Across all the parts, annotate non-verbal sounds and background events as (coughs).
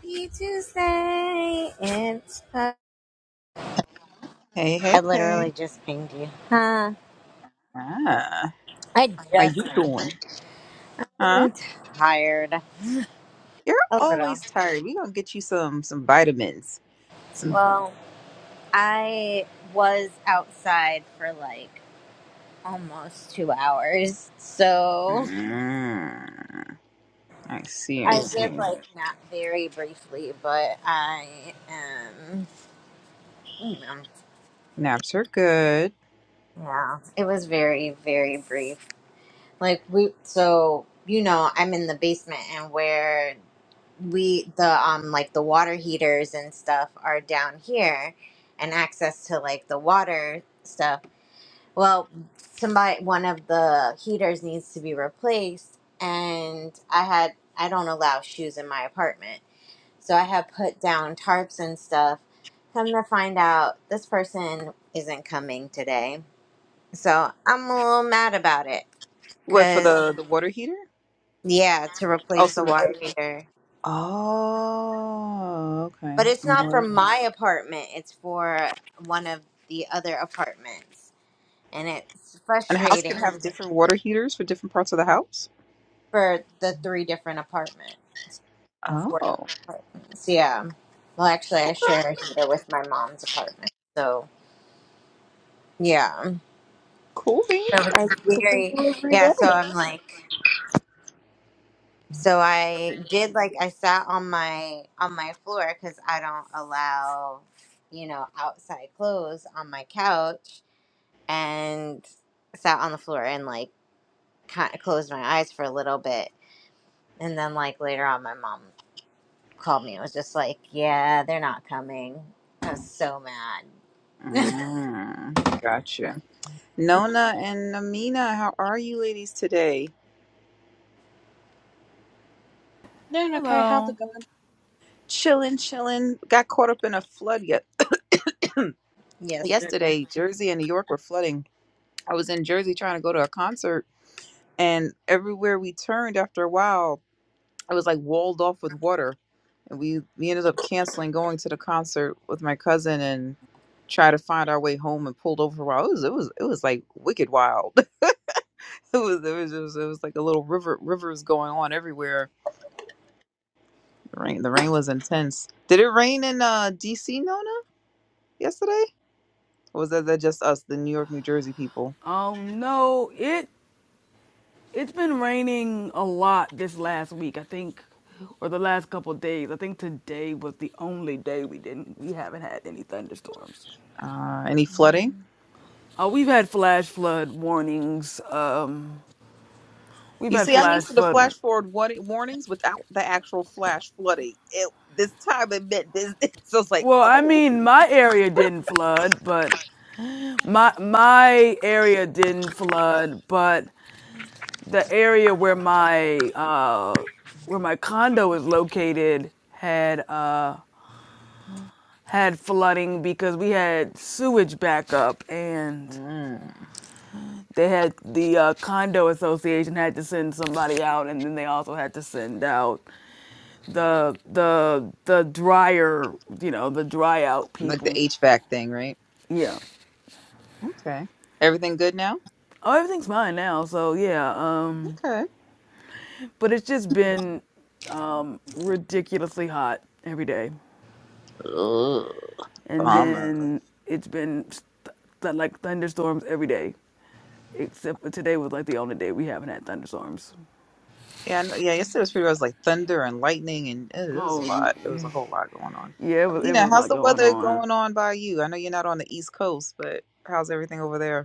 Happy Tuesday. It's uh, Hey, I hey, hey. literally just pinged you. Huh. Ah, I how just you doing? Huh? am tired. You're A always little. tired. We gonna get you some some vitamins. Some. Well, I was outside for like almost two hours. So Mm, I see. I I did see. like nap very briefly, but I am you know. Naps are good. Yeah. It was very, very brief. Like we so you know, I'm in the basement and where we the um like the water heaters and stuff are down here and access to like the water stuff well somebody one of the heaters needs to be replaced and i had i don't allow shoes in my apartment so i had put down tarps and stuff come to find out this person isn't coming today so i'm a little mad about it What for because the the water heater? yeah to Oh, replace the some. water heater Oh, okay. But it's I'm a not for little- my apartment. It's for one of the other apartments, and it's And a house can frustrating have different water heaters for different parts of the house. for the three different apartments or four different Oh, apartments. Yeah. Well, actually, I share a heater with my mom's apartment, so yeah. cool beans. So I it's learn something very new every yeah. So day. I'm like, so I did like I sat on my on my floor because I don't allow, you know, outside clothes on my couch and sat on the floor and like kind of closed my eyes for a little bit. And then, like, later on, my mom called me. It was just like, yeah, they're not coming. I was so mad. Mm, gotcha. Nona and Amina, how are you ladies today? Doing okay. How's Hello. it going? Chilling, chilling. Got caught up in a flood ye- Yes, they're in. yesterday. Jersey and New York were flooding. I was in Jersey trying to go to a concert, and everywhere we turned, after a while, it was like walled off with water. And we we ended up canceling going to the concert with my cousin and tried to find our way home and pulled over for a while. It was it was it was like wicked wild. (laughs) it was it was it was, it was like a little river rivers going on everywhere. The rain the rain was intense. Did it rain in uh DC Nona yesterday? Or was that, that just us, the New York, New Jersey people? Um, no, it it's been raining a lot this last week. I think, or the last couple of days. I think today was the only day we didn't we haven't had any thunderstorms. Uh, any flooding? Uh, we've had flash flood warnings. Um, we've You had see, I'm flash used to the flood. flash forward wa- warnings without the actual flash flooding. It, this time it meant this. (laughs) So it's like, Well, I oh. mean, my area didn't flood, but my my area didn't flood, but the area where my uh where my condo is located had uh had flooding because we had sewage backup and Mm. they had the uh, condo association had to send somebody out and then they also had to send out the the the dryer you know the dry out Like the people HVAC thing, right? yeah Okay. Everything good now? oh everything's fine now so yeah um Okay. but it's just been um ridiculously hot every day Ugh, and bummer. then it's been th- th- like thunderstorms every day except for today was like the only day we haven't had thunderstorms Yeah, I know- yeah. Yesterday was pretty. I was like thunder and lightning, and eh, it was a Oh, lot. It was a whole lot going on. yeah, it was, it Amina, was a lot how's the going weather on. going on by you? I know you're not on the East Coast, but how's everything over there?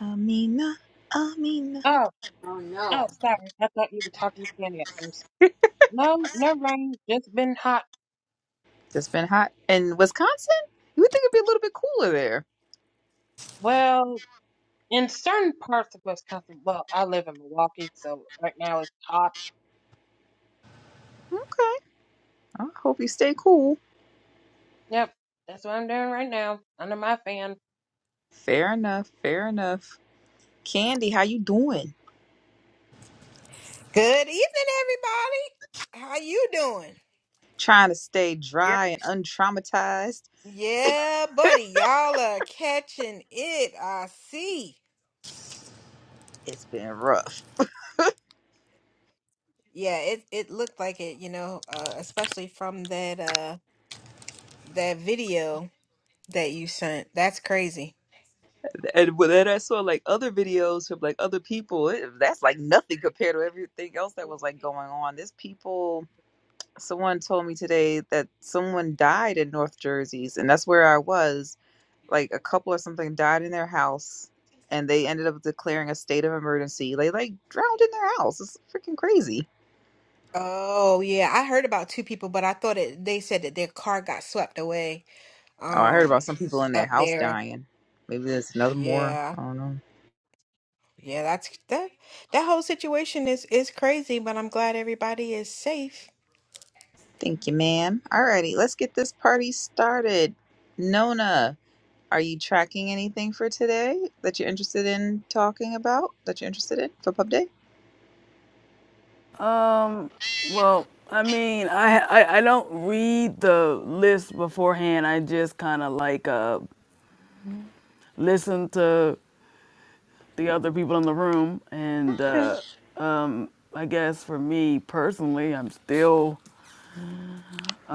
Amina, Amina. Oh, Oh, oh, no. sorry. I thought you were talking to Candy at first. No, no rain. Just been hot. It's been hot in Wisconsin. You would think it'd be a little bit cooler there. Well, in certain parts of Wisconsin. Well, I live in Milwaukee, so right now it's hot. Okay. I hope you stay cool. Yep, that's what I'm doing right now under my fan. Fair enough. Fair enough. Candy, how you doing? Good evening, everybody. How you doing? Trying to stay You're- dry and untraumatized. Yeah, buddy, y'all are catching it. I see. It's been rough. Yeah, it it looked like it, you know, uh, especially from that uh that video that you sent. That's crazy. And when then I saw like other videos from like other people, it, that's like nothing compared to everything else that was like going on. There's people. Someone told me today that someone died in North Jersey, and that's where I was like a couple or something died in their house and they ended up declaring a state of emergency. They like drowned in their house. It's freaking crazy. Oh yeah, I heard about two people, but I thought it they said that their car got swept away Oh, I heard about um some people in their up house there. dying. Maybe there's another more. Yeah. I don't know. Yeah, that's that that whole situation is is crazy, but I'm glad everybody is safe. Thank you, ma'am. Alrighty, let's get this party started. Nona, are you tracking anything for today that you're interested in talking about? That you're interested in for Pub Day? Um, well, I mean, I, I, I don't read the list beforehand. I just kind of like uh, listen to the other people in the room. And Okay. uh, um, I guess for me personally, I'm still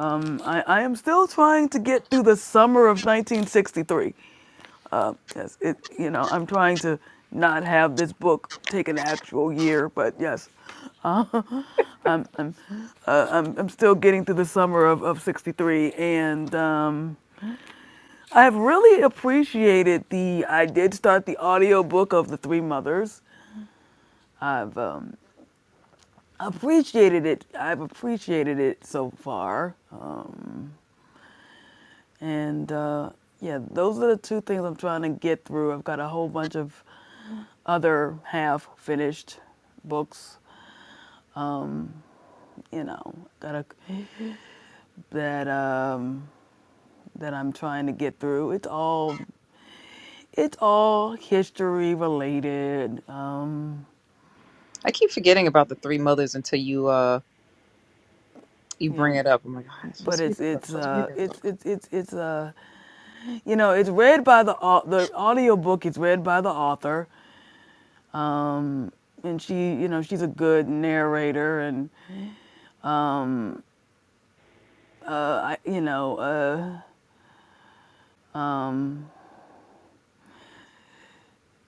um, I, I am still trying to get through the summer of 1963. Uh, yes, it you know I'm trying to not have this book take an actual year, but yes, I'm I'm uh, I'm, I'm still getting through the summer of, of 63 and um, i've really appreciated the i did start the audiobook of the three mothers i've um, appreciated it i've appreciated it so far um, and uh, yeah those are the two things i'm trying to get through i've got a whole bunch of other half finished books you know got a, that um, that i'm trying to get through it's all It's all history related. Um, I keep forgetting about the three mothers until you uh you you bring know, it up. I'm like, oh, it's but supposed to be it's this. one. it's It's supposed to be uh this. one. it's it's it's it's uh you know it's read by the au- the audiobook is read by the author. Um, and she you know she's a good narrator and uh I, you know uh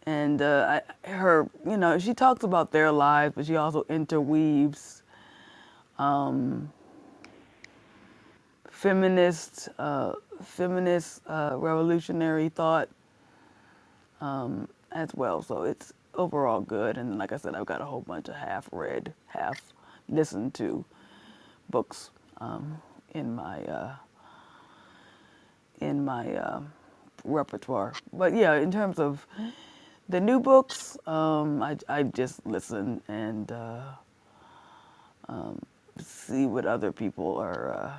and uh I, her you know she talks about their lives but she also interweaves feminist uh feminist uh revolutionary thought as well. So it's overall good. And like I said, I've got a whole bunch of half read, half listened to books um, in my uh, in my um repertoire. But yeah, in terms of the new books, um, I I just listen and uh, see what other people are. Uh,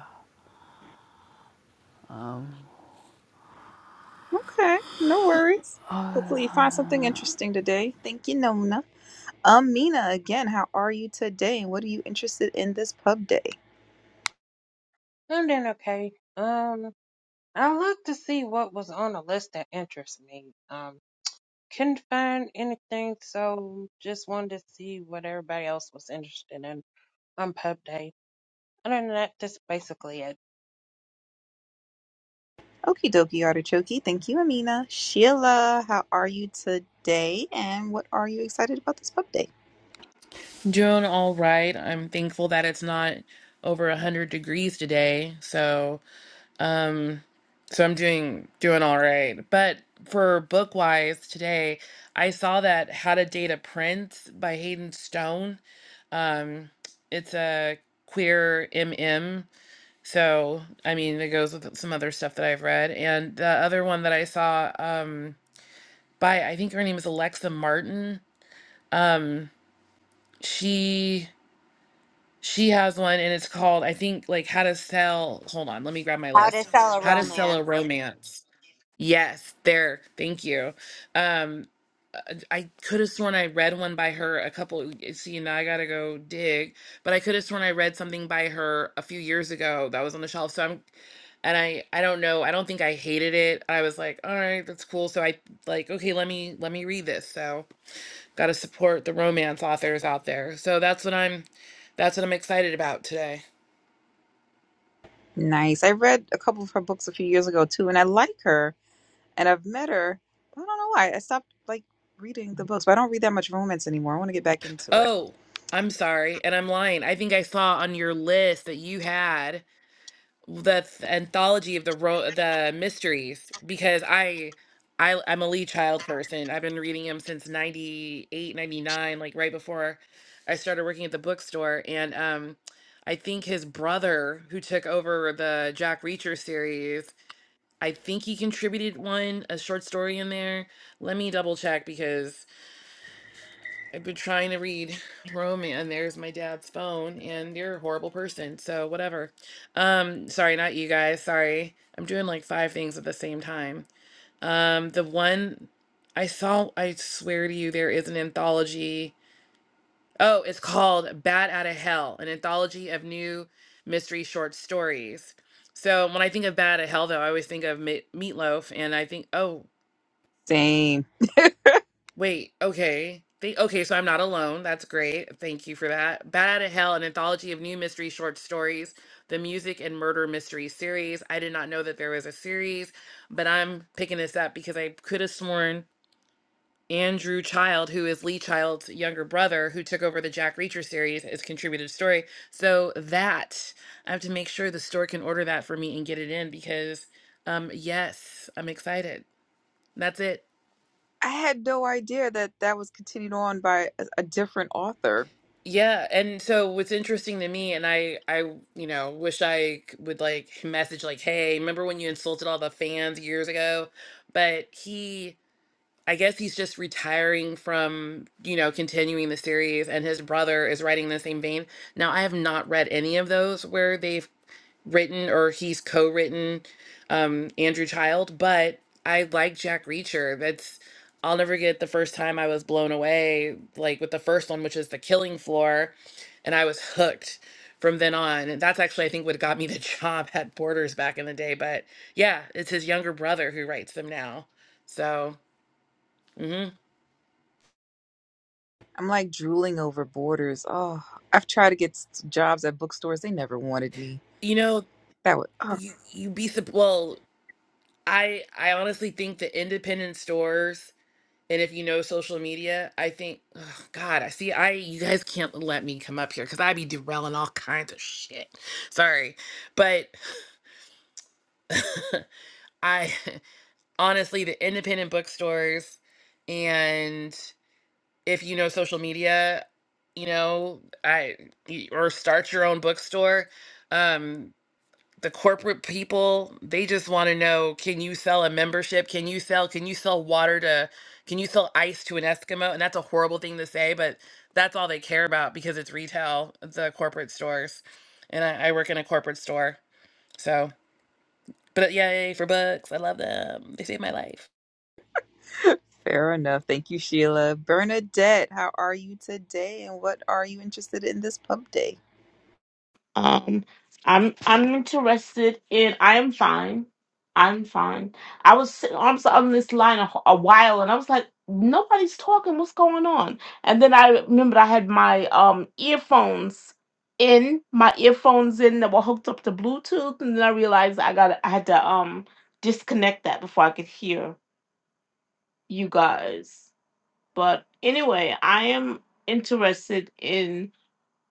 Okay, no worries. Hopefully, you find something interesting today. Thank you, Nona. Amina, again, how are you today? And what are you interested in this pub day? I'm doing okay. Um, I looked to see what was on the list that interests me. Um, couldn't find anything, so just wanted to see what everybody else was interested in on Pub Day. Other than that, that's basically it. Okie dokie, artichoke. Thank you, Amina. Sheila, how are you today? And what are you excited about this pub day? Doing all right. I'm thankful that it's not over 100 degrees today. So, um so I'm doing doing all right. But for book wise today, I saw that How to Date a Prince by Hayden Stone. Um it's a queer MM. So, I mean, it goes with some other stuff that I've read. And the other one that I saw um by I think her name is Alexa Martin. Um she She has one and it's called, I think, like how to sell. Hold on, let me grab my How to list. Sell a How to sell a Romance. romance. Yes, there. Thank you. Um, I could have sworn I read one by her a couple. See, now I gotta go dig, but I could have sworn I read something by her a few years ago that was on the shelf. So I'm, and I, I don't know. I don't think I hated it. I was like, all right, that's cool. So I like, okay, let me let me read this. So gotta support the romance authors out there. So that's what I'm, that's what I'm excited about today. Nice. I read a couple of her books a few years ago, too, and I like her. And I've met her. but I don't know why. I stopped, like, reading the books, but I don't read that much romance anymore. I want to get back into it. Oh, I'm sorry, and I'm lying. I think I saw on your list that you had the th- anthology of the ro- the mysteries because I I I'm a Lee Child person. I've been reading him since 98, 99, like right before I started working at the bookstore and um I think his brother who took over the Jack Reacher series, I think he contributed one a short story in there. Let me double check because I've been trying to read romance. there's my dad's phone, and you're a horrible person, so whatever. Um, sorry, not you guys. Sorry, I'm doing like five things at the same time. Um, the one I saw, I swear to you, there is an anthology. Oh, it's called "Bat Out of Hell," an anthology of new mystery short stories. So when I think of "Bat Out of Hell," though, I always think of meat Meatloaf, and I think, oh. Same. Wait, okay. Think, okay, so I'm not alone. That's great. Thank you for that. Bad out of Hell, an anthology of new mystery short stories, the music and murder mystery series. I did not know that there was a series, but I'm picking this up because I could have sworn Andrew Child, who is Lee Child's younger brother, who took over the Jack Reacher series, is contributed a story. So that I have to make sure the store can order that for me and get it in because um yes, I'm excited. That's it. I had no idea that that was continued on by a, a different author. Yeah, and so what's interesting to me, and I, I, you know, wish I c- would like message like, hey, remember when you insulted all the fans years ago? But he, I guess he's just retiring from, you know, continuing the series, and his brother is writing in the same vein. Now, I have not read any of those where they've written or he's co-written um Andrew Child, but I like Jack Reacher. That's I'll never get the first time I was blown away like with the first one which is The Killing Floor and I was hooked from then on. And that's actually I think what got me the (laughs) job at Borders back in the day, but yeah, it's his younger brother who writes them now. So, mhm. I'm like drooling over Borders. Oh, I've tried to get s- jobs at bookstores. They never wanted me. You know, That would, oh, you you be sup- well, I I honestly think the independent stores And if you know social media, I think, oh God, I see. I you guys can't let me come up here because I be derailing all kinds of shit. Sorry, but (laughs) I (laughs) honestly, the independent bookstores, and if you know social media, you know, I y- or start your own bookstore. Um, the corporate people they just want to know can you sell a membership can you sell can you sell water to can you sell ice to an eskimo and that's a horrible thing to say but that's all they care about because it's retail the corporate stores and i, I work in a corporate store so but yay for books i love them they save my life fair enough. Thank you, Sheila. Bernadette, how are you today? And what are you interested in this pub day? Um, I'm I'm interested in. I am fine. I'm fine. I was sitting on, on this line a, a while, and I was like, nobody's talking. What's going on? And then I remembered I had my um earphones in, my earphones in that were hooked up to Bluetooth, and then I realized I got I had to um disconnect that before I could hear you guys. But anyway, I am interested in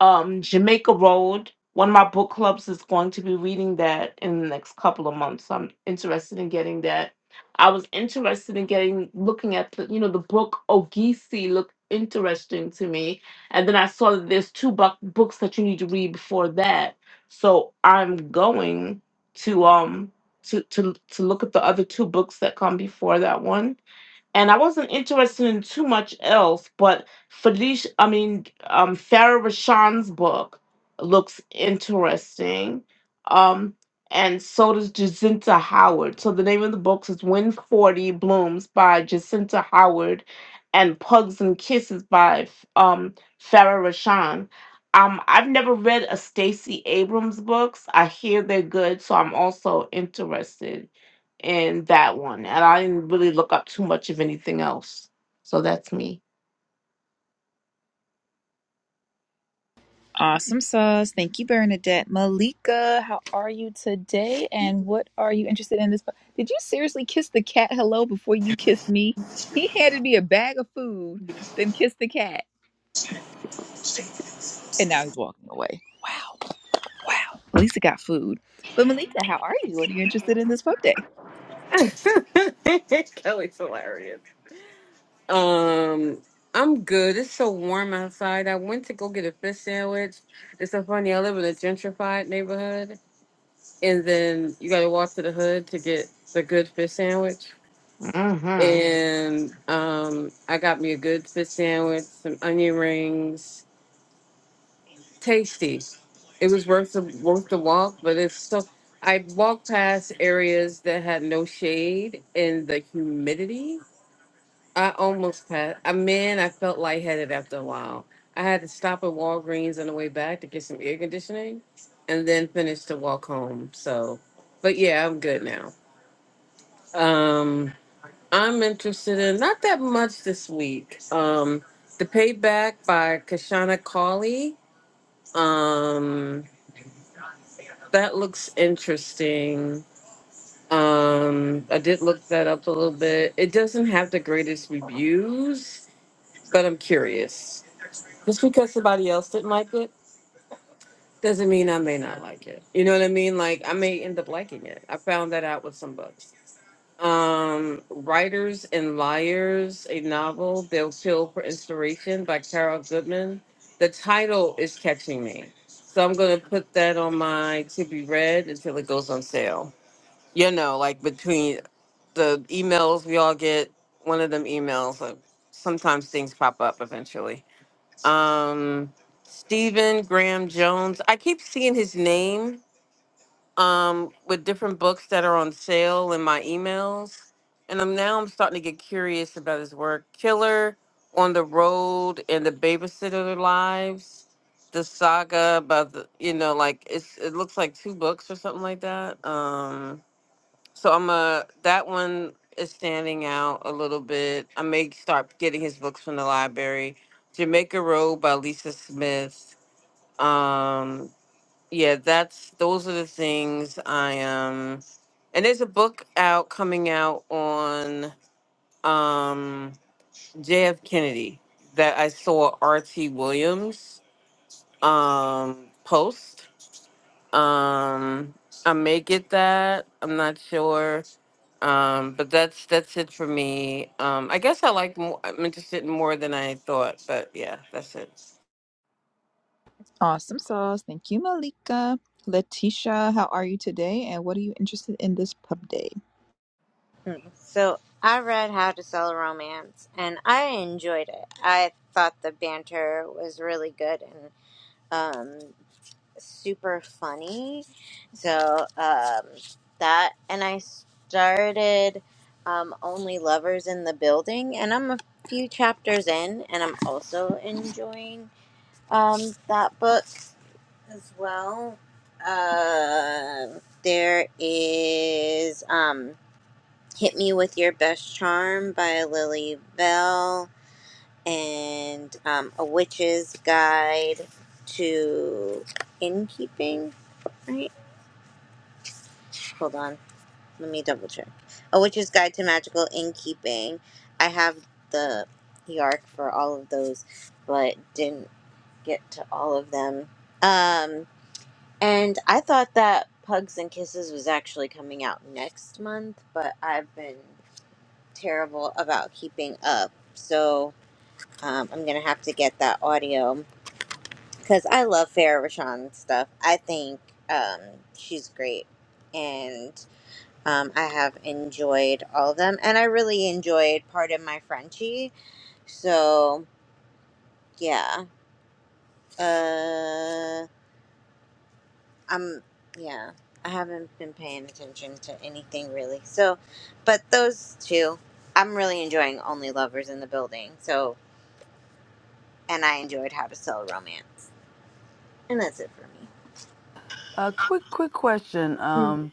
um Jamaica Road. One of my book clubs is going to be reading that in the next couple of months. I'm interested in getting that. I was interested in getting looking at the you know the book Ogisi looked interesting to me, and then I saw that there's two bu- books that you need to read before that. So I'm going to um to to to look at the other two books that come before that one and I wasn't interested in too much else, but Felicia, I mean, um, Farah Rashan's book looks interesting. Um, and so does Jacinta Howard. So the name of the book is When 40 Blooms by Jacinta Howard and Pugs and Kisses by um, Farah Rashan. Um, I've never read a Stacey Abrams books. I hear they're good, so I'm also interested and that one. And I didn't really look up too much of anything else. So that's me. Awesome sauce. Thank you, Bernadette. Malika, how are you today? And what are you interested in this? Did you seriously kiss the cat hello before you kissed me? He handed me a bag of food, then kissed the cat, and now he's walking away. Wow. Wow, at least it got food. But Malika, how are you? What are you interested in this pub day? (laughs) Kelly's hilarious. Um, I'm good. It's so warm outside. I went to go get a fish sandwich. It's so funny. I live in a gentrified neighborhood, and then you got to walk to the hood to get the good fish sandwich. hmm And um, I got me a good fish sandwich, some onion rings, tasty. It was worth the worth the walk, but it's so. I walked past areas that had no shade and the humidity I almost passed. I mean, I felt lightheaded after a while. I had to stop at Walgreens on the way back to get some air conditioning, and then finish to walk home. So, but yeah, I'm good now. Um, I'm interested in not that much this week. Um, the payback by Kashana Cauley. Um, that looks interesting. Um, I did look that up a little bit. It doesn't have the greatest reviews, but I'm curious. Just because somebody else didn't like it doesn't mean I may not like it. You know what I mean? Like I may end up liking it. I found that out with some books. Um, Writers and Liars, a novel, They'll Kill for Inspiration by Carol Goodman. The title is catching me. So I'm gonna put that on my to be read until it goes on sale. You know, like between the emails we all get, one of them emails, like sometimes things pop up eventually um Stephen Graham Jones. I keep seeing his name um with different books that are on sale in my emails. And I'm now I'm starting to get curious about his work. Killer on the Road and the Babysitter Lives. The saga about the you know, like it's it looks like two books or something like that. Um so I'm a that one is standing out a little bit. I may start getting his books from the library. Jamaica Road by Lisa Smith. Um, yeah, that's those are the things I um and there's a book out coming out on um JF Kennedy that I saw RT Williams um post. Um I may get that. I'm not sure Um, but that's that's it for me. Um, I guess I like more, I'm interested in more than I thought, but yeah, that's it. Awesome sauce. Thank you, Malika. Letitia, how are you today? And what are you interested in this pub day? So I read How to Sell a Romance and I enjoyed it. I thought the banter was really good. and um. super funny. So um, that, and I started um, Only Lovers in the Building, and I'm a few chapters in, and I'm also enjoying um, that book as well. Um there is um, Hit Me With Your Best Charm by Lily Bell. And um, a witch's guide to innkeeping, right? Hold on. Let me double check. A Witch's Guide to Magical Innkeeping. I have the Yark for all of those, but didn't get to all of them. Um, and I thought that Pugs and Kisses was actually coming out next month, but I've been terrible about keeping up. So um, I'm going to have to get that audio because I love Farrah Rashan stuff. I think um, she's great. And Um, I have enjoyed all of them, and I really enjoyed part of my Frenchie. So yeah, uh, I'm yeah. I haven't been paying attention to anything really. So, but those two, I'm really enjoying Only Lovers in the Building. So, and I enjoyed How to Sell a Romance, and that's it for me. a quick, quick question. Um,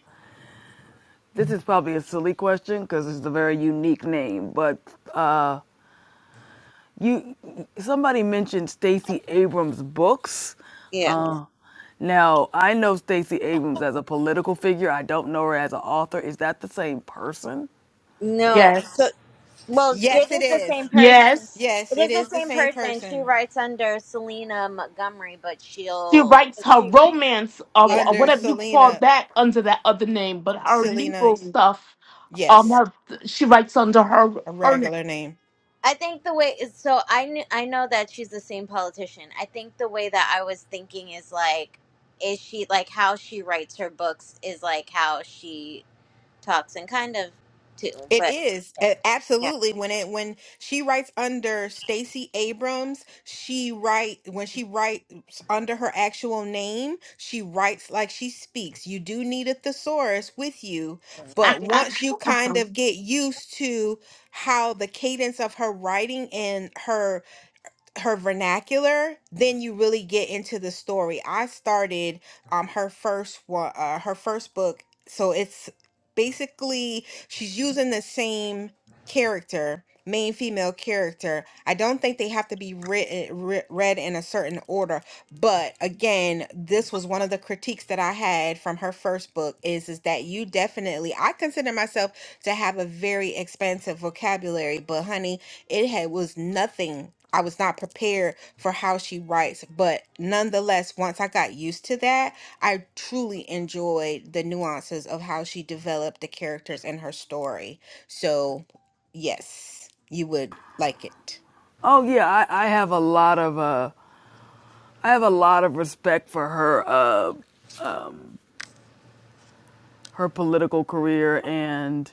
this is probably a silly question because it's a very unique name, but uh, You somebody mentioned Stacey Abrams' books. Yeah. Uh, now I know Stacey Abrams as a political figure. I don't know her as an author. Is that the same person? No. So, Yes. well, Yes, it it is the same is. person. Yes. Yes, It is it the is the same same person. She person writes under Selena Montgomery, but She she'll writes but her she romance or, wh- Yeah. or under whatever you call Selena. that under that other name, but her Selena, legal stuff, um, yes, her, she writes under her a her name. (laughs) regular name. I think the way is so I kn- I know that she's the same politician. I think the way that I was thinking is like is she like how she writes her books is like how she talks and kind of too, It but is yeah. a- yeah. absolutely when it when she writes under Stacey Abrams, she write when she writes under her actual name, she writes like she speaks. You do need a thesaurus with you, but once you kind Uh-huh. of get used to how the cadence of her writing and her her vernacular, then you really get into the story. I started um her first one, uh, her first book, so it's basically she's using the same character, main female character. I don't think they have to be written re- read in a certain order, but again, this was one of the critiques that I had from her first book is is that you definitely I consider myself to have a very expansive vocabulary, but honey, it had was nothing. I was not prepared for how she writes, but nonetheless, once I got used to that, I truly enjoyed the nuances of how she developed the characters in her story. So, yes, you would like it. Oh yeah, I, I have a lot of uh, I have a lot of respect for her uh, her political career, and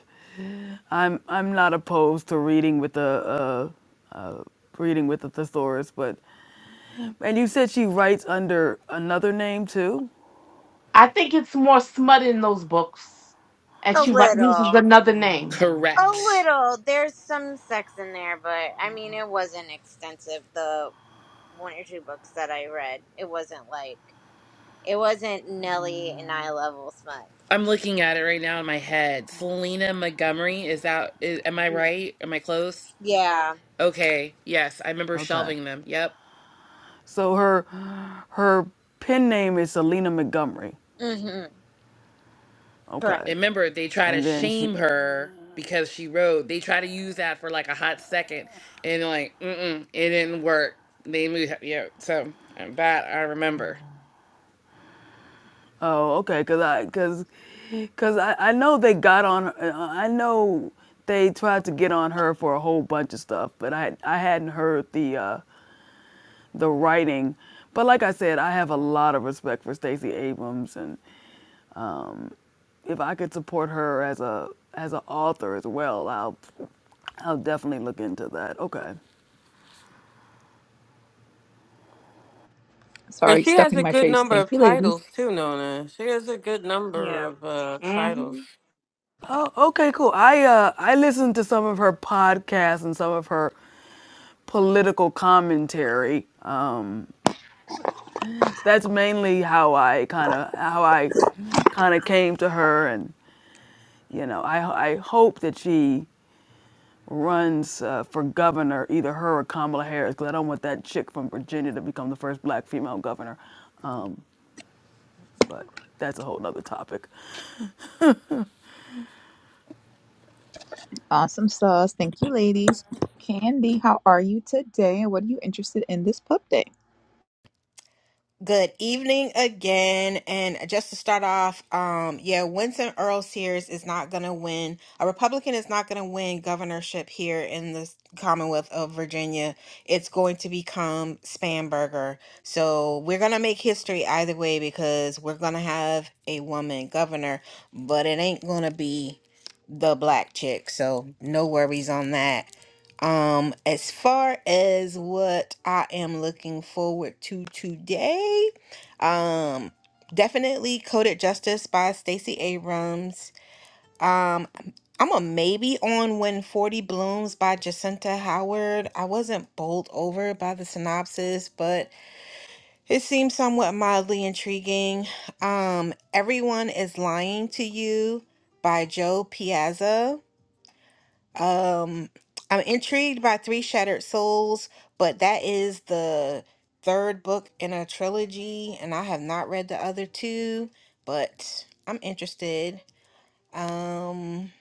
I'm I'm not opposed to reading with a, a, a reading with a thesaurus. But and you said she writes under another name too. I think it's more smut in those books, and A she wri- uses little. another name. A correct little. There's some sex in there, but I mean it wasn't extensive the one or two books that I read. It wasn't like it wasn't Nelly and I level smut. i'm looking at it right now in my head selena montgomery is that is, am i Yeah. right am i close Yeah. okay yes i remember Okay. shelving them yep So her her pen name is Selena Montgomery. Mhm. Okay. Correct. And remember, they try to And then she shame her because she rode. They try to use that for like a hot second, and like, mm-mm, it didn't work. They moved, yeah. So um, that I remember. Oh, okay, cuz I cuz cuz I I know they got on her- I know they tried to get on her for a whole bunch of stuff, but I I hadn't heard the uh the writing. But like I said, I have a lot of respect for Stacey Abrams and um if I could support her as a as an author as well, I'll I'll definitely look into that. Okay. And Sorry, she has stuffing a my good face. number of Thank you, ladies. titles too, Nona. She has a good number Yeah. of uh, titles. hmm Oh, okay, cool. I uh I listened to some of her podcasts and some of her political commentary. Um that's mainly how I kind of how I kind of came to her and you know, I I hope that she runs uh, for governor, either her or Kamala Harris, because I don't want that chick from Virginia to become the first black female governor. Um, but that's a whole other topic. Awesome sauce. Thank you, ladies. Candy, how are you today? And what are you interested in this pub day? Good evening again. And just to start off, um, yeah, Winston Earl Sears is not going to win. A Republican is not going to win governorship here in the Commonwealth of Virginia. It's going to become Spamberger. So we're going to make history either way because we're going to have a woman governor, but it ain't going to be the black chick. So no worries on that. Um, as far as what I am looking forward to today, um, definitely Coded Justice by Stacey Abrams. Um, I'm a maybe on When 40 Blooms by Jacinta Howard. I wasn't bowled over by the synopsis, but it seems somewhat mildly intriguing. Um, Everyone is Lying to You by Joe Piazza. Um, I'm intrigued by Three Shattered Souls, but that is the third book in a trilogy, and I have not read the other two, but I'm interested. Um,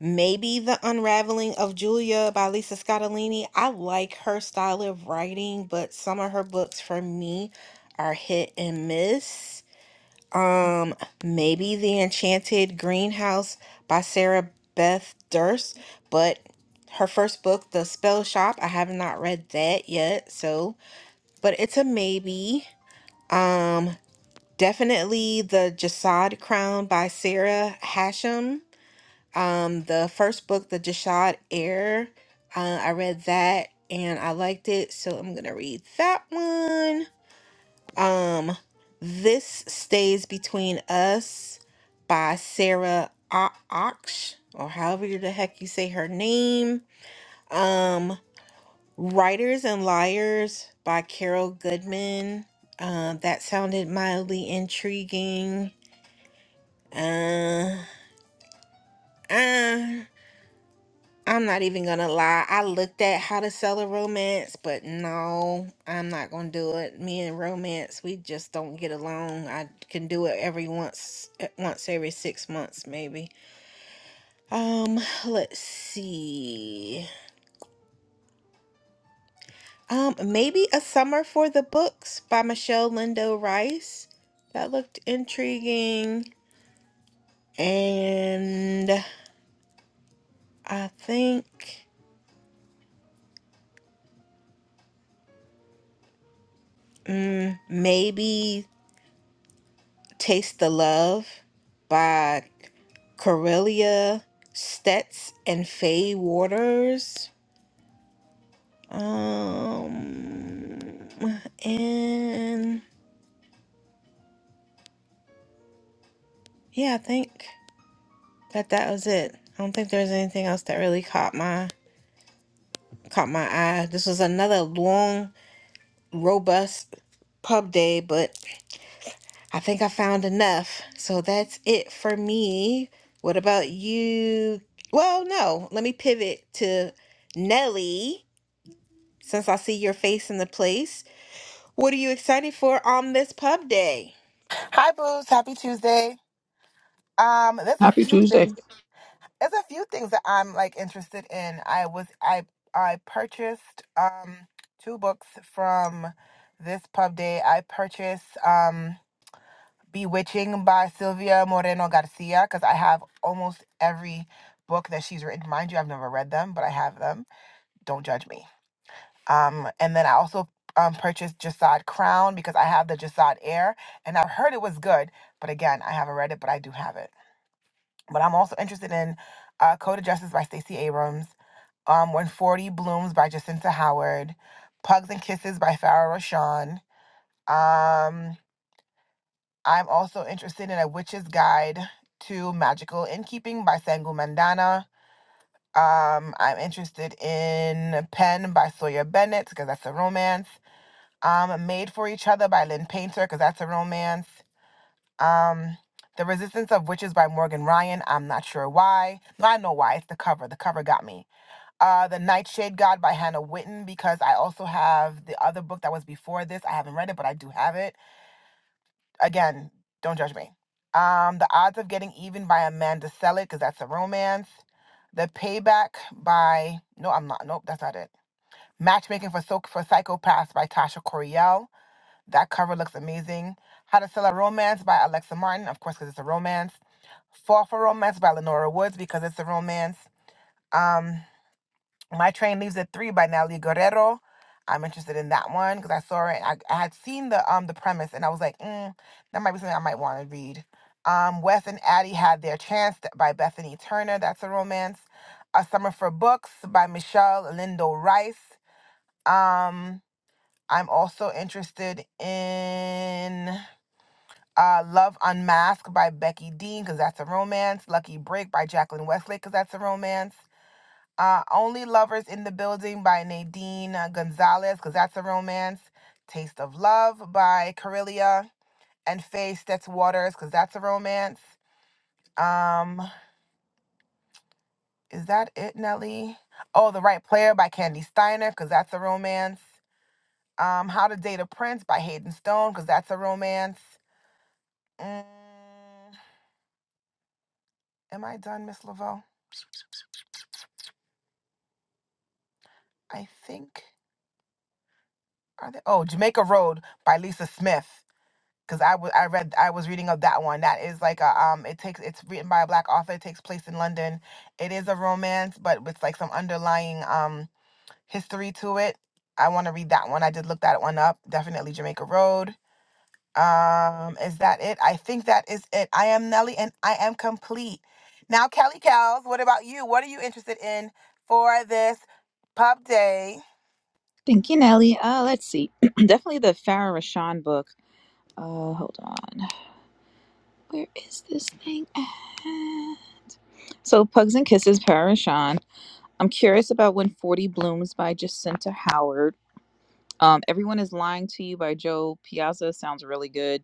maybe The Unraveling of Julia by Lisa Scottolini. I like her style of writing, but some of her books for me are hit and miss. Um, maybe The Enchanted Greenhouse by Sarah Beth Durst, but her first book, The Spell Shop, I have not read that yet, so but it's a maybe. Um, definitely The Jasad Crown by Sarah Hashem. Um, the first book, The Jasad Heir, uh, I read that and I liked it, so I'm gonna read that one. Um, This Stays Between Us by Sarah O- Ox, or however the heck you say her name. Um, Writers and Liars by Carol Goodman. Uh, that sounded mildly intriguing. Uh, uh, I'm not even gonna lie. I looked at how to sell a romance, but no, I'm not gonna do it. Me and romance, we just don't get along. I can do it every once, eh, once every six months, maybe. Um, let's see. Um, maybe a summer for the books by Michelle Lindo Rice. That looked intriguing, and I think mm, maybe Taste the Love by Corelia Stets and Faye Waters. Um, and yeah, I think that that was it. I don't think there's anything else that really caught my caught my eye. This was another long, robust pub day, but I think I found enough. So that's it for me. What about you? Well, no, let me pivot to Nelly since I see your face in the place. What are you excited for on this pub day? Hi, Booze. Happy Tuesday. Um, there's a Happy few Tuesday. things. There's a few things that I'm like interested in. I was I I purchased um two books from this pub day. I purchased um Bewitching by Sylvia Moreno Garcia because I have almost every book that she's written. Mind you, I've never read them, but I have them. Don't judge me. Um, and then I also um purchased Jasad Crown because I have the Jasad Air and I've heard it was good. But again, I haven't read it, but I do have it. But I'm also interested in uh, Code of Justice by Stacey Abrams, um, When 40 Blooms by Jacinta Howard, Pugs and Kisses by Farah Rashan. Um, I'm also interested in A Witch's Guide to Magical Innkeeping by Sangu Mandana. Um, I'm interested in Pen by Sawyer Bennett because that's a romance. Um, Made for Each Other by Lynn Painter because that's a romance. Um, The Resistance of Witches by Morgan Ryan. I'm not sure why. No, I know why. It's the cover. The cover got me. Uh, the Nightshade God by Hannah Witten because I also have the other book that was before this. I haven't read it, but I do have it. Again, don't judge me. Um, The Odds of Getting Even by Amanda Selig because that's a romance. The Payback by no, I'm not. Nope, that's not it. Matchmaking for so- for Psychopaths by Tasha Coriel. That cover looks amazing. How to Sell a Romance by Alexa Martin, of course, because it's a romance. Fall for Romance by Lenora Woods because it's a romance. Um, My Train Leaves at Three by Natalie Guerrero. I'm interested in that one because I saw it. I, I had seen the um the premise and I was like, mm, that might be something I might want to read. Um, Wes and Addie had their chance by Bethany Turner. That's a romance. A Summer for Books by Michelle Lindo Rice. Um, I'm also interested in uh, Love Unmasked by Becky Dean, because that's a romance. Lucky Break by Jacqueline Westlake, because that's a romance. Uh, Only Lovers in the Building by Nadine uh, Gonzalez, because that's a romance. Taste of Love by Corelia and Faye Stetz Waters, because that's a romance. Um, is that it, Nelly? Oh, The Right Player by Candy Steiner, because that's a romance. Um, How to Date a Prince by Hayden Stone, because that's a romance. Mm, am I done, Miss Laveau? I think. Are they? Oh, Jamaica Road by Lisa Smith. Because I wa- I read I was reading of that one. That is like a um. It takes it's written by a black author. It takes place in London. It is a romance, but with like some underlying um history to it. I want to read that one. I did look that one up. Definitely Jamaica Road. Um, is that it? I think that is it. I am Nelly, and I am complete. Now, Kelly Cows, what about you? What are you interested in for this pub day? Thank you, Nelly. Uh, let's see. (clears throat) Definitely the Farah Rashan book. Uh, hold on. Where is this thing? at? So, Pugs and Kisses, Farah Rashan. I'm curious about When 40 Blooms by Jacinta Howard. Um, Everyone is Lying to You by Joe Piazza sounds really good.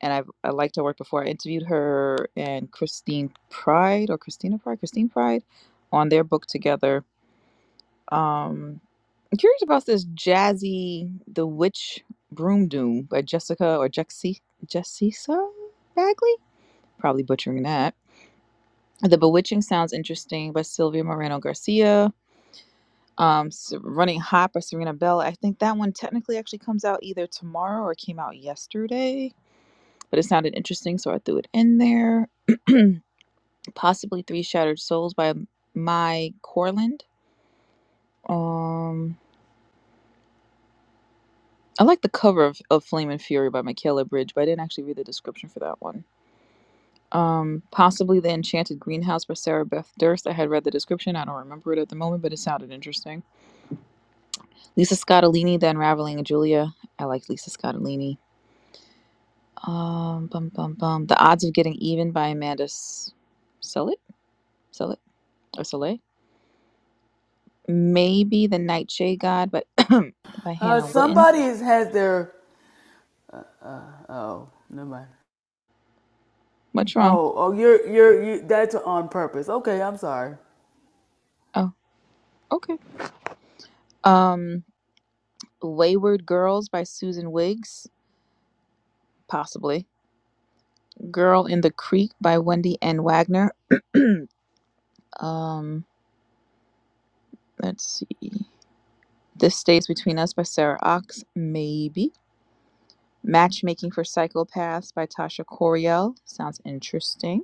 And I've, I liked her work before. I interviewed her and Christine Pride or Christina Pride, Christine Pride on their book together. Um, I'm curious about this jazzy The Witch Broom Doom by Jessica or Jexi Jessisa Bagley. Probably butchering that. The Bewitching sounds interesting by Sylvia Moreno Garcia. um S- running hot by serena bell i think that one technically actually comes out either tomorrow or came out yesterday but it sounded interesting so i threw it in there (clears throat) possibly three shattered souls by Mai corland um i like the cover of, of flame and fury by michaela bridge but i didn't actually read the description for that one um possibly the enchanted greenhouse by sarah beth durst i had read the description i don't remember it at the moment but it sounded interesting lisa scottolini the unraveling of julia i like lisa scottolini Um, bum, bum, bum. The odds of getting even by Amanda S- Sillett, Sillett or Soleil. Maybe the Nightshade God, but (coughs) (clears throat) by Uh, Hannah Witten. somebody is, has their oh, never mind. What's wrong? Oh, oh, you're you're you. That's on purpose. Okay, I'm sorry. Oh, okay. Um, Wayward Girls by Susan Wiggs, possibly. Girl in the Creek by Wendy N. Wagner. Um, let's see. This Stays Between Us by Sarah Ox, maybe. Matchmaking for Psychopaths by Tasha Coriel. Sounds interesting.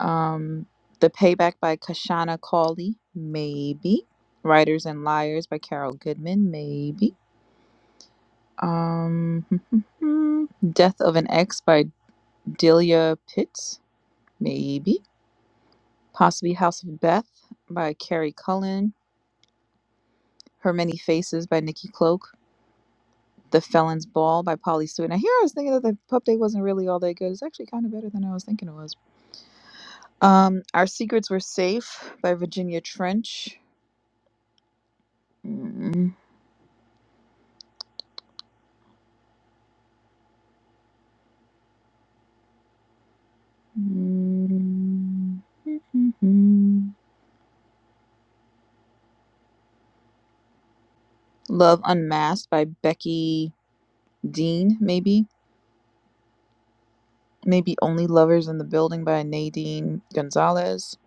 Um, The Payback by Kashana Cawley, maybe. Writers and Liars by Carol Goodman, maybe. Um, (laughs) Death of an Ex by Delia Pitts, maybe. Possibly House of Beth by Carrie Cullen. Her Many Faces by Nikki Cloak. The Felon's Ball by Polly Stewart. Now, here I was thinking that the pub day wasn't really all that good. It's actually kind of better than I was thinking it was. Um, Our Secrets Were Safe by Virginia Trench. Mm, Mm. (laughs) Love Unmasked by Becky Dean, maybe. Maybe Only Lovers in the Building by Nadine Gonzalez.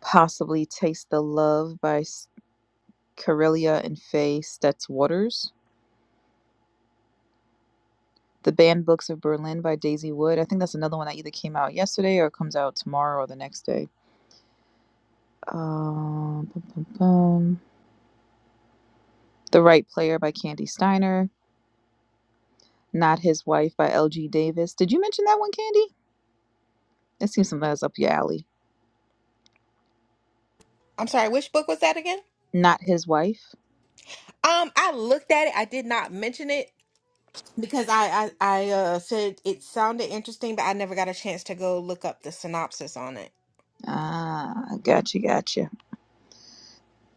Possibly Taste the Love by S- Corelia and Faye Stetz Waters. The Banned Books of Berlin by Daisy Wood. I think that's another one that either came out yesterday or comes out tomorrow or the next day. Um, bum, bum, bum. The Right Player by Candy Steiner. Not His Wife by L.G. Davis. Did you mention that one, Candy? It seems something that's up your alley. I'm sorry, which book was that again? Not his wife. Um, I looked at it. I did not mention it because I I, I uh, said it sounded interesting, but I never got a chance to go look up the synopsis on it. Ah, gotcha, gotcha.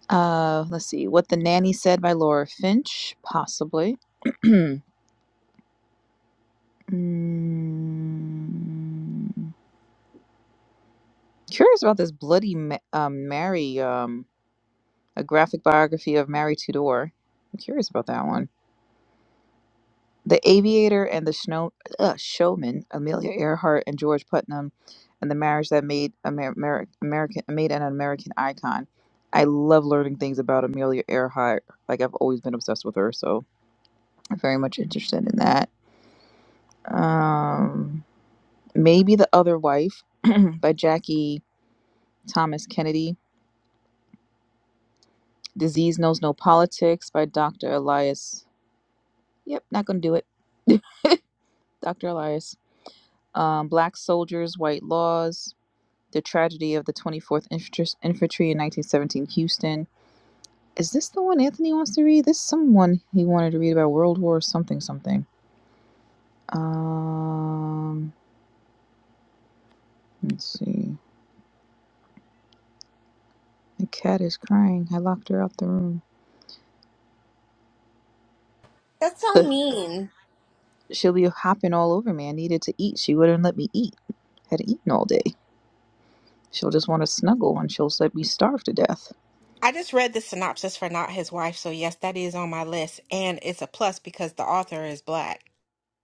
Uh, let's see. What the Nanny Said by Laura Finch, possibly. (clears throat) Mm, Curious about this Bloody Ma- um, Mary, um, a graphic biography of Mary Tudor. I'm curious about that one. The Aviator and the Snow, uh, Showman, Amelia Earhart and George Putnam, and the marriage that made Amer- Amer- American made an American icon. I love learning things about Amelia Earhart. Like I've always been obsessed with her, so I'm very much interested in that. Um, maybe the Other Wife (clears throat) by Jackie Thomas Kennedy. Disease Knows No Politics by Dr. Elias. Yep, not gonna do it. (laughs) Dr. Elias. Um, Black Soldiers, White Laws The Tragedy of the 24th Infantry in 1917 Houston. Is this the one Anthony wants to read? This is someone he wanted to read about World War something something. Um, let's see. The cat is crying. I locked her out the room. That's so The, mean. she'll be hopping all over me. I needed to eat. She wouldn't let me eat. had eaten all day. She'll just want to snuggle and she'll let me starve to death. I just read the synopsis for Not His Wife, so yes, that is on my list, and it's a plus because the author is black.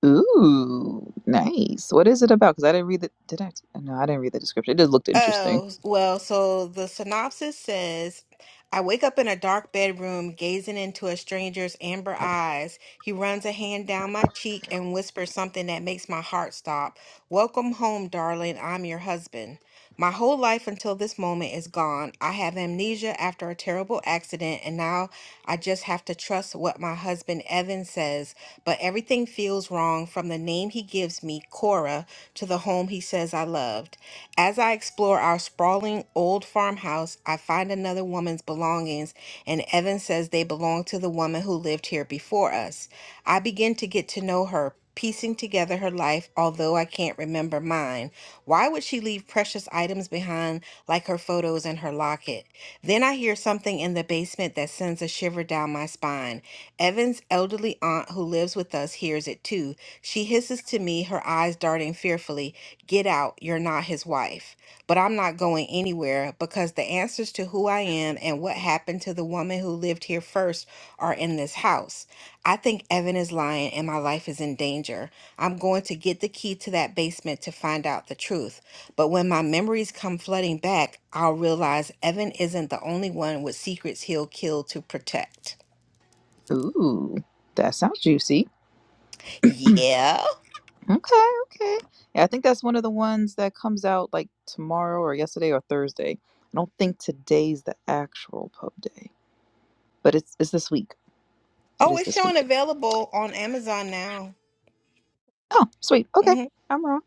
Ooh, nice. What is it about? Because I didn't read the. Did I? No, I didn't read the description. It just looked interesting. Oh, well, so the synopsis says I wake up in a dark bedroom, gazing into a stranger's amber eyes. He runs a hand down my cheek and whispers something that makes my heart stop. Welcome home, darling. I'm your husband. My whole life until this moment is gone. I have amnesia after a terrible accident, and now I just just have to trust what my husband Evan says, but everything feels wrong from the name he gives me, Cora, to the home he says I loved. As I explore our sprawling old farmhouse, I find another woman's belongings, and Evan says they belong to the woman who lived here before us. I begin to get to know her. Piecing together her life, although I can't remember mine. Why would she leave precious items behind like her photos and her locket? Then I hear something in the basement that sends a shiver down my spine. Evan's elderly aunt, who lives with us, hears it too. She hisses to me, her eyes darting fearfully, Get out, you're not his wife but I'm not going anywhere because the answers to who I am and what happened to the woman who lived here first are in this house. I think Evan is lying and my life is in danger. I'm going to get the key to that basement to find out the truth. But when my memories come flooding back, I'll realize Evan isn't the only one with secrets he'll kill to protect. Ooh, that sounds juicy. Yeah. Okay, okay. Yeah, I think that's one of the ones that comes out like tomorrow or yesterday or Thursday. I don't think today's the actual pub day, but it's it's this week. It Oh, is it's this week. showing available on Amazon now. Oh, sweet. Okay, hmm I'm wrong.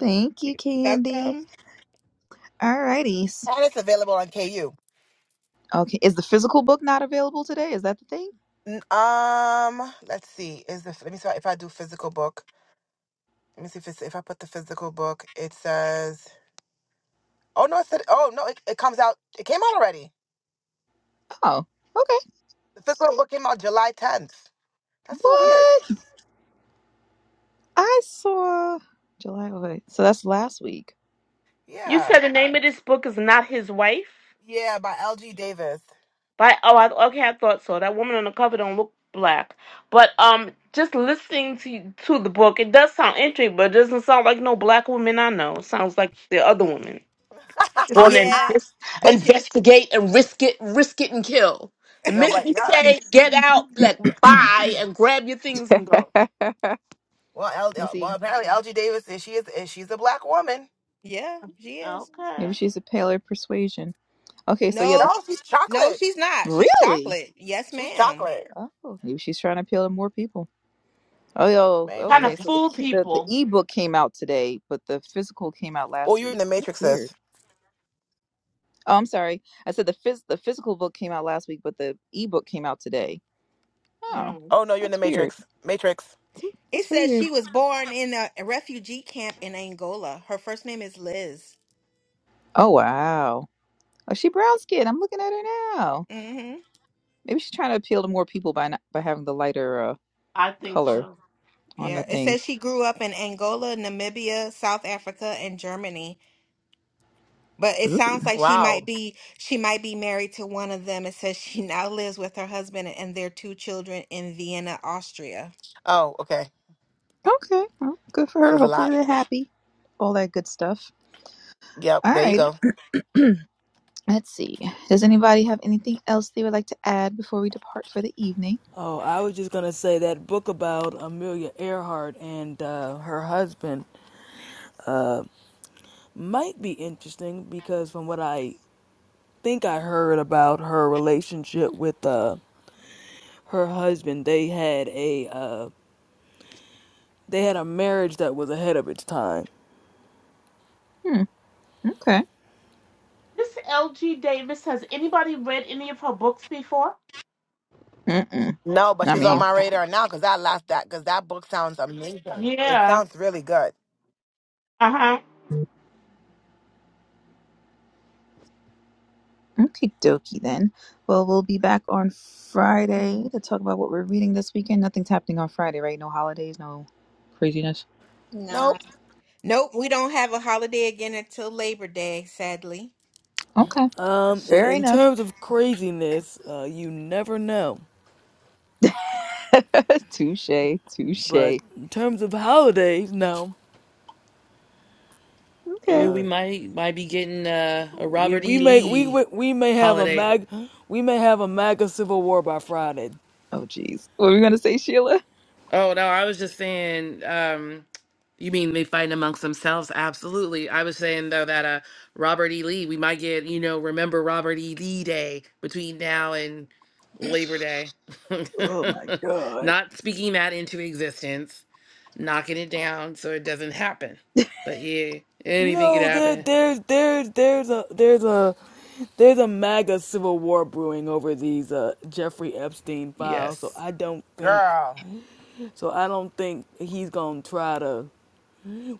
Thank you, Candy. Welcome. Alrighty. And it's available on KU. Okay, is the physical book not available today? Is that the thing? N- Um, let's see. Is the let me see if I do physical book. Let me see if it's if I put the physical book. It says. Oh no! It said. Oh no! It, it comes out. It came out already. Oh, okay. The physical book came out July tenth. That's so weird. What? I saw July. oh, Wait, so that's last week. You Yeah. said the name of this book is not his wife. Yeah, by L.G. Davis. By oh, I, okay, I thought so. That woman on the cover don't look black, but um, just listening to to the book, it does sound interesting, but it doesn't sound like no black woman I know. It sounds like the other woman. (laughs) Is Go on it? and Yeah. But you, investigate and risk it, risk it and kill. The Yo, minute but you yeah. say Let's get out, like see. (clears throat) bye and grab your things and go. (laughs) Well, L, Let's uh, well, see. apparently L.G. Davis is she is, is she's a black woman. yeah, she is. Okay, Maybe she's a paler persuasion. Okay, so yeah, No, the No, she's no, chocolate. she's not. She's Really? chocolate. Yes, She's ma'am. chocolate. Oh, maybe she's trying to appeal to more people. Oh, yo, trying to Maybe. okay. So the fool ki- the the people. ebook came out today, but the physical came out Oh, last you're in week. the That's Matrix, weird. sis. Oh, I'm sorry. I said the phys- the physical book came out last week, but the ebook came out today. Oh, Mm, Oh no, you're in the that's weird. Matrix. Matrix. It That's very says weird. she was born in a refugee camp in Angola. Her first name is Liz. Oh wow. Oh, she brown skin. I'm looking at her now. mm hmm Maybe she's trying to appeal to more people by not, by having the lighter uh, I think color so. on the Yeah, it thing. says she grew up in Angola, Namibia, South Africa, and Germany. But it Ooh. sounds like she might Wow. be she might be married to one of them. It says she (laughs) now lives with her husband and their two children in Vienna, Austria. Oh, okay. Okay. Well, good for her. Says a Hopefully lot. they're happy. All that good stuff. Yep, there you Alrighty. go. Let's see. Does anybody have anything else they would like to add before we depart for the evening? Oh, I was just gonna say that book about Amelia Earhart and uh, her husband might be interesting because from what I think I heard about her relationship with uh, her husband, they had a uh, they had a marriage that was ahead of its time. Hmm. Okay. This L. G. Davis has anybody read any of her books before? Mm-mm. No, but I she's on mean, Oh, my radar now because I lost that because that book sounds amazing. It yeah. sounds really good. Uh huh. okay, dokie then. Well, we'll be back on Friday to talk about what we're reading this weekend. Nothing's happening on Friday, right? No holidays, no craziness. No. Nope, Nope, we don't have a holiday again until Labor Day, sadly. Okay. Um, Fair in enough. terms of craziness, uh, you never know. (laughs) touche. Touche. But in terms of holidays, no. Okay. Yeah, we might might be getting uh, a We Robert we E. may we Lee we we may have a holiday. mag we may have a MAGA civil war by Friday. Oh, geez. What were we going to say, Sheila? Oh no, I was just saying. Um, you mean they fighting amongst themselves? Absolutely. I was saying though that uh, Robert E. Lee, we might get you know remember Robert E. Lee Day between now and Labor Day. (laughs) Oh, my God. Not speaking that into existence, knocking it down so it doesn't happen. But yeah, anything could No, there happen. there's there's there's a there's a there's a MAGA civil war brewing over these uh, Jeffrey Epstein files. So Yes. I don't think girl, so I don't think he's gonna try to.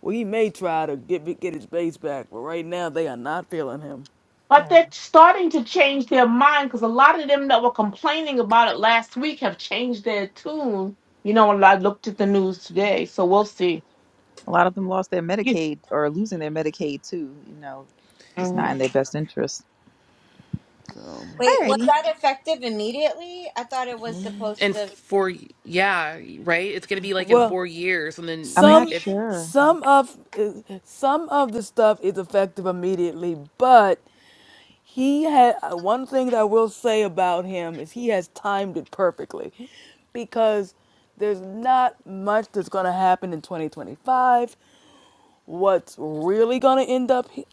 Well, he may try to get get his base back, but right now they are not feeling him. But Mm. they're starting to change their mind because a lot of them that were complaining about it last week have changed their tune. You know, and I looked at the news today, so we'll see. A lot of them lost their (laughs) Yes. Medicaid or are losing their Medicaid, too. You know, just not in Mhm. their best interest. So, Wait, was Alrighty. that effective immediately? I thought it was supposed And to. four, yeah, right. It's gonna be like in well, four years, and then I'm like not some if. sure. some of some of the stuff is effective immediately, but He had uh, one thing that I will say about him is he has timed it perfectly because there's not much that's going to happen in 2025. What's really going to end up, hi-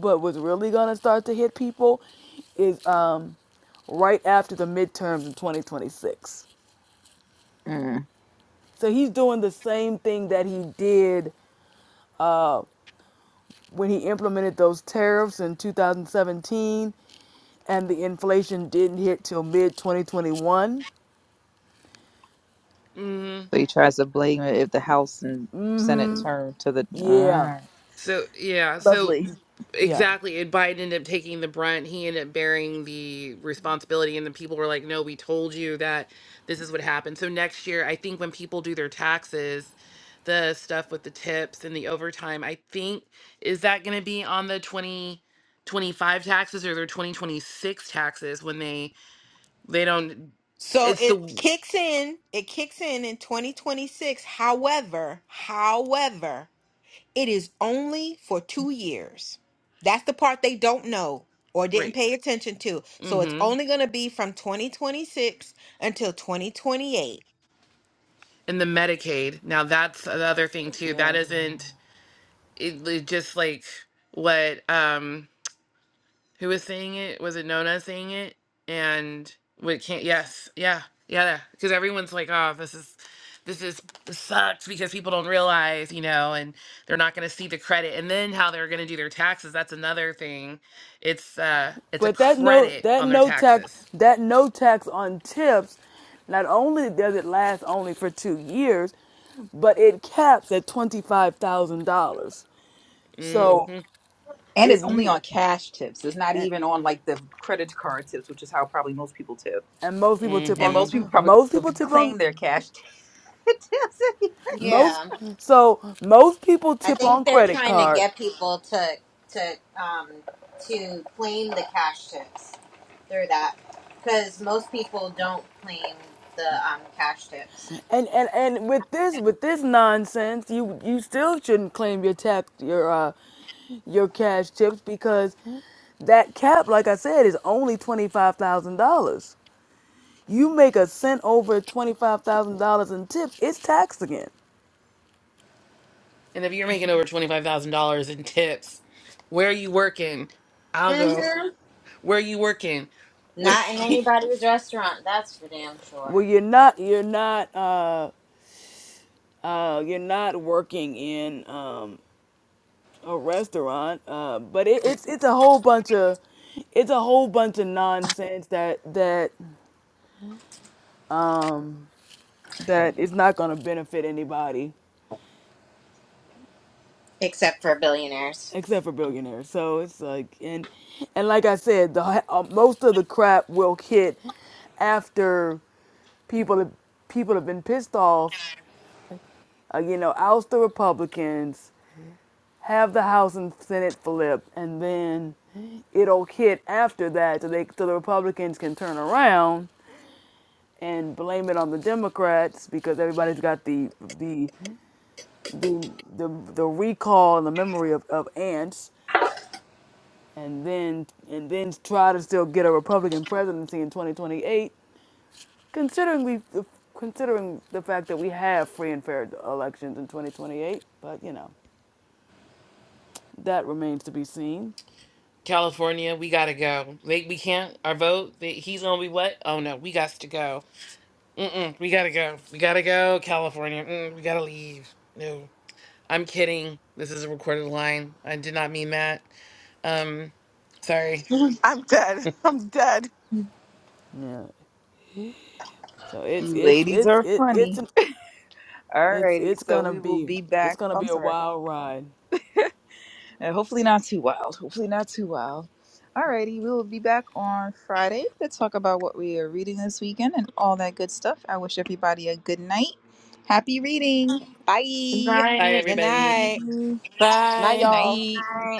but what's really going to start to hit people is um, right after the midterms in 2026. Mm. So he's doing the same thing that he did uh, when he implemented those tariffs in 2017 and the inflation didn't hit till mid 2021 mm-hmm. So he tries to blame it if the House and Senate turn to the. Yeah, Mm. So yeah, so Lovely. yeah, exactly, and Biden ended up taking the brunt. He ended up bearing the responsibility, and the people were like, "No, we told you that this is what happened." So next year, I think when people do their taxes, the stuff with the tips and the overtime, I think is that going to be on the twenty twenty five taxes or their twenty twenty six taxes when they they don't. So It's the it w- kicks in, it kicks in in 2026. However, however, it is only for 2 years. That's the part they don't know or didn't right. pay attention to. So it's Mm-hmm. only going to be from 2026 until 2028. And the Medicaid. Now that's the other thing too. That yeah. isn't. it, it just like what um who was saying it was it Nona saying it and what can't yes yeah yeah because everyone's like oh this is this is this sucks because people don't realize you know and they're not going to see the credit and then how they're going to do their taxes that's another thing it's uh it's a But that no credit that on their no tax taxes that no tax on tips, not only does it last only for two years, but it caps at twenty five thousand dollars. So mm-hmm And if it's only you on cash tips. It's not and even on like the credit card tips, which is how probably most people tip. and most people tip And on mm-hmm most people probably most don't people even tip claim on their cash (laughs) tips. anymore. most Yeah. so most people I tip think on they're credit trying to card get people to to um to claim the cash tips through that because most people don't claim the um cash tips. And and and with this with this nonsense, you you still shouldn't claim your tap your uh your cash tips because that cap, like I said, is only twenty five thousand dollars. You make a cent over twenty five thousand dollars in tips, it's taxed again. and if you're making over $25000 in tips where are you working i'll go hmm where are you working (laughs) Not in anybody's restaurant. That's for damn sure. Well, you're not you're not uh uh you're not working in um a restaurant, uh, but it, it's it's a whole bunch of it's a whole bunch of nonsense that that um, that is not going to benefit anybody Except for billionaires. (laughs) except for billionaires. So it's like and and like I said, the hi- uh, most of the crap will hit after people have- people have been pissed off. Uh, you know, oust the Republicans, have the House and Senate flip, and then it'll hit after that, so they so the Republicans can turn around and blame it on the Democrats because everybody's got the the the the, the recall and the memory of, of ants and then and then try to still get a Republican presidency in 2028, considering we the- considering the fact that we have free and fair elections in 2028. But you know, that remains to be seen. California, we gotta go. They, we can't. Our vote. They, he's gonna be what? Oh no, we got to go. Mm-mm, we gotta go. We gotta go, California. Mm, we gotta leave. No, I'm kidding. This is a recorded line. I did not mean that. Um, sorry. I'm dead. (laughs) I'm dead. Yeah. So it's it's Ladies it's are it, it's funny. an, it's Alrighty, it's so gonna we will be be it's back. gonna I'm be a sorry. wild ride. Uh, hopefully not too wild. Hopefully not too wild. Alrighty, we will be back on Friday to talk about what we are reading this weekend and all that good stuff. I wish everybody a good night. Happy reading. Bye. Bye, Right. Good everybody. night. Mhm. Night, Bye. Good y'all. night. All right.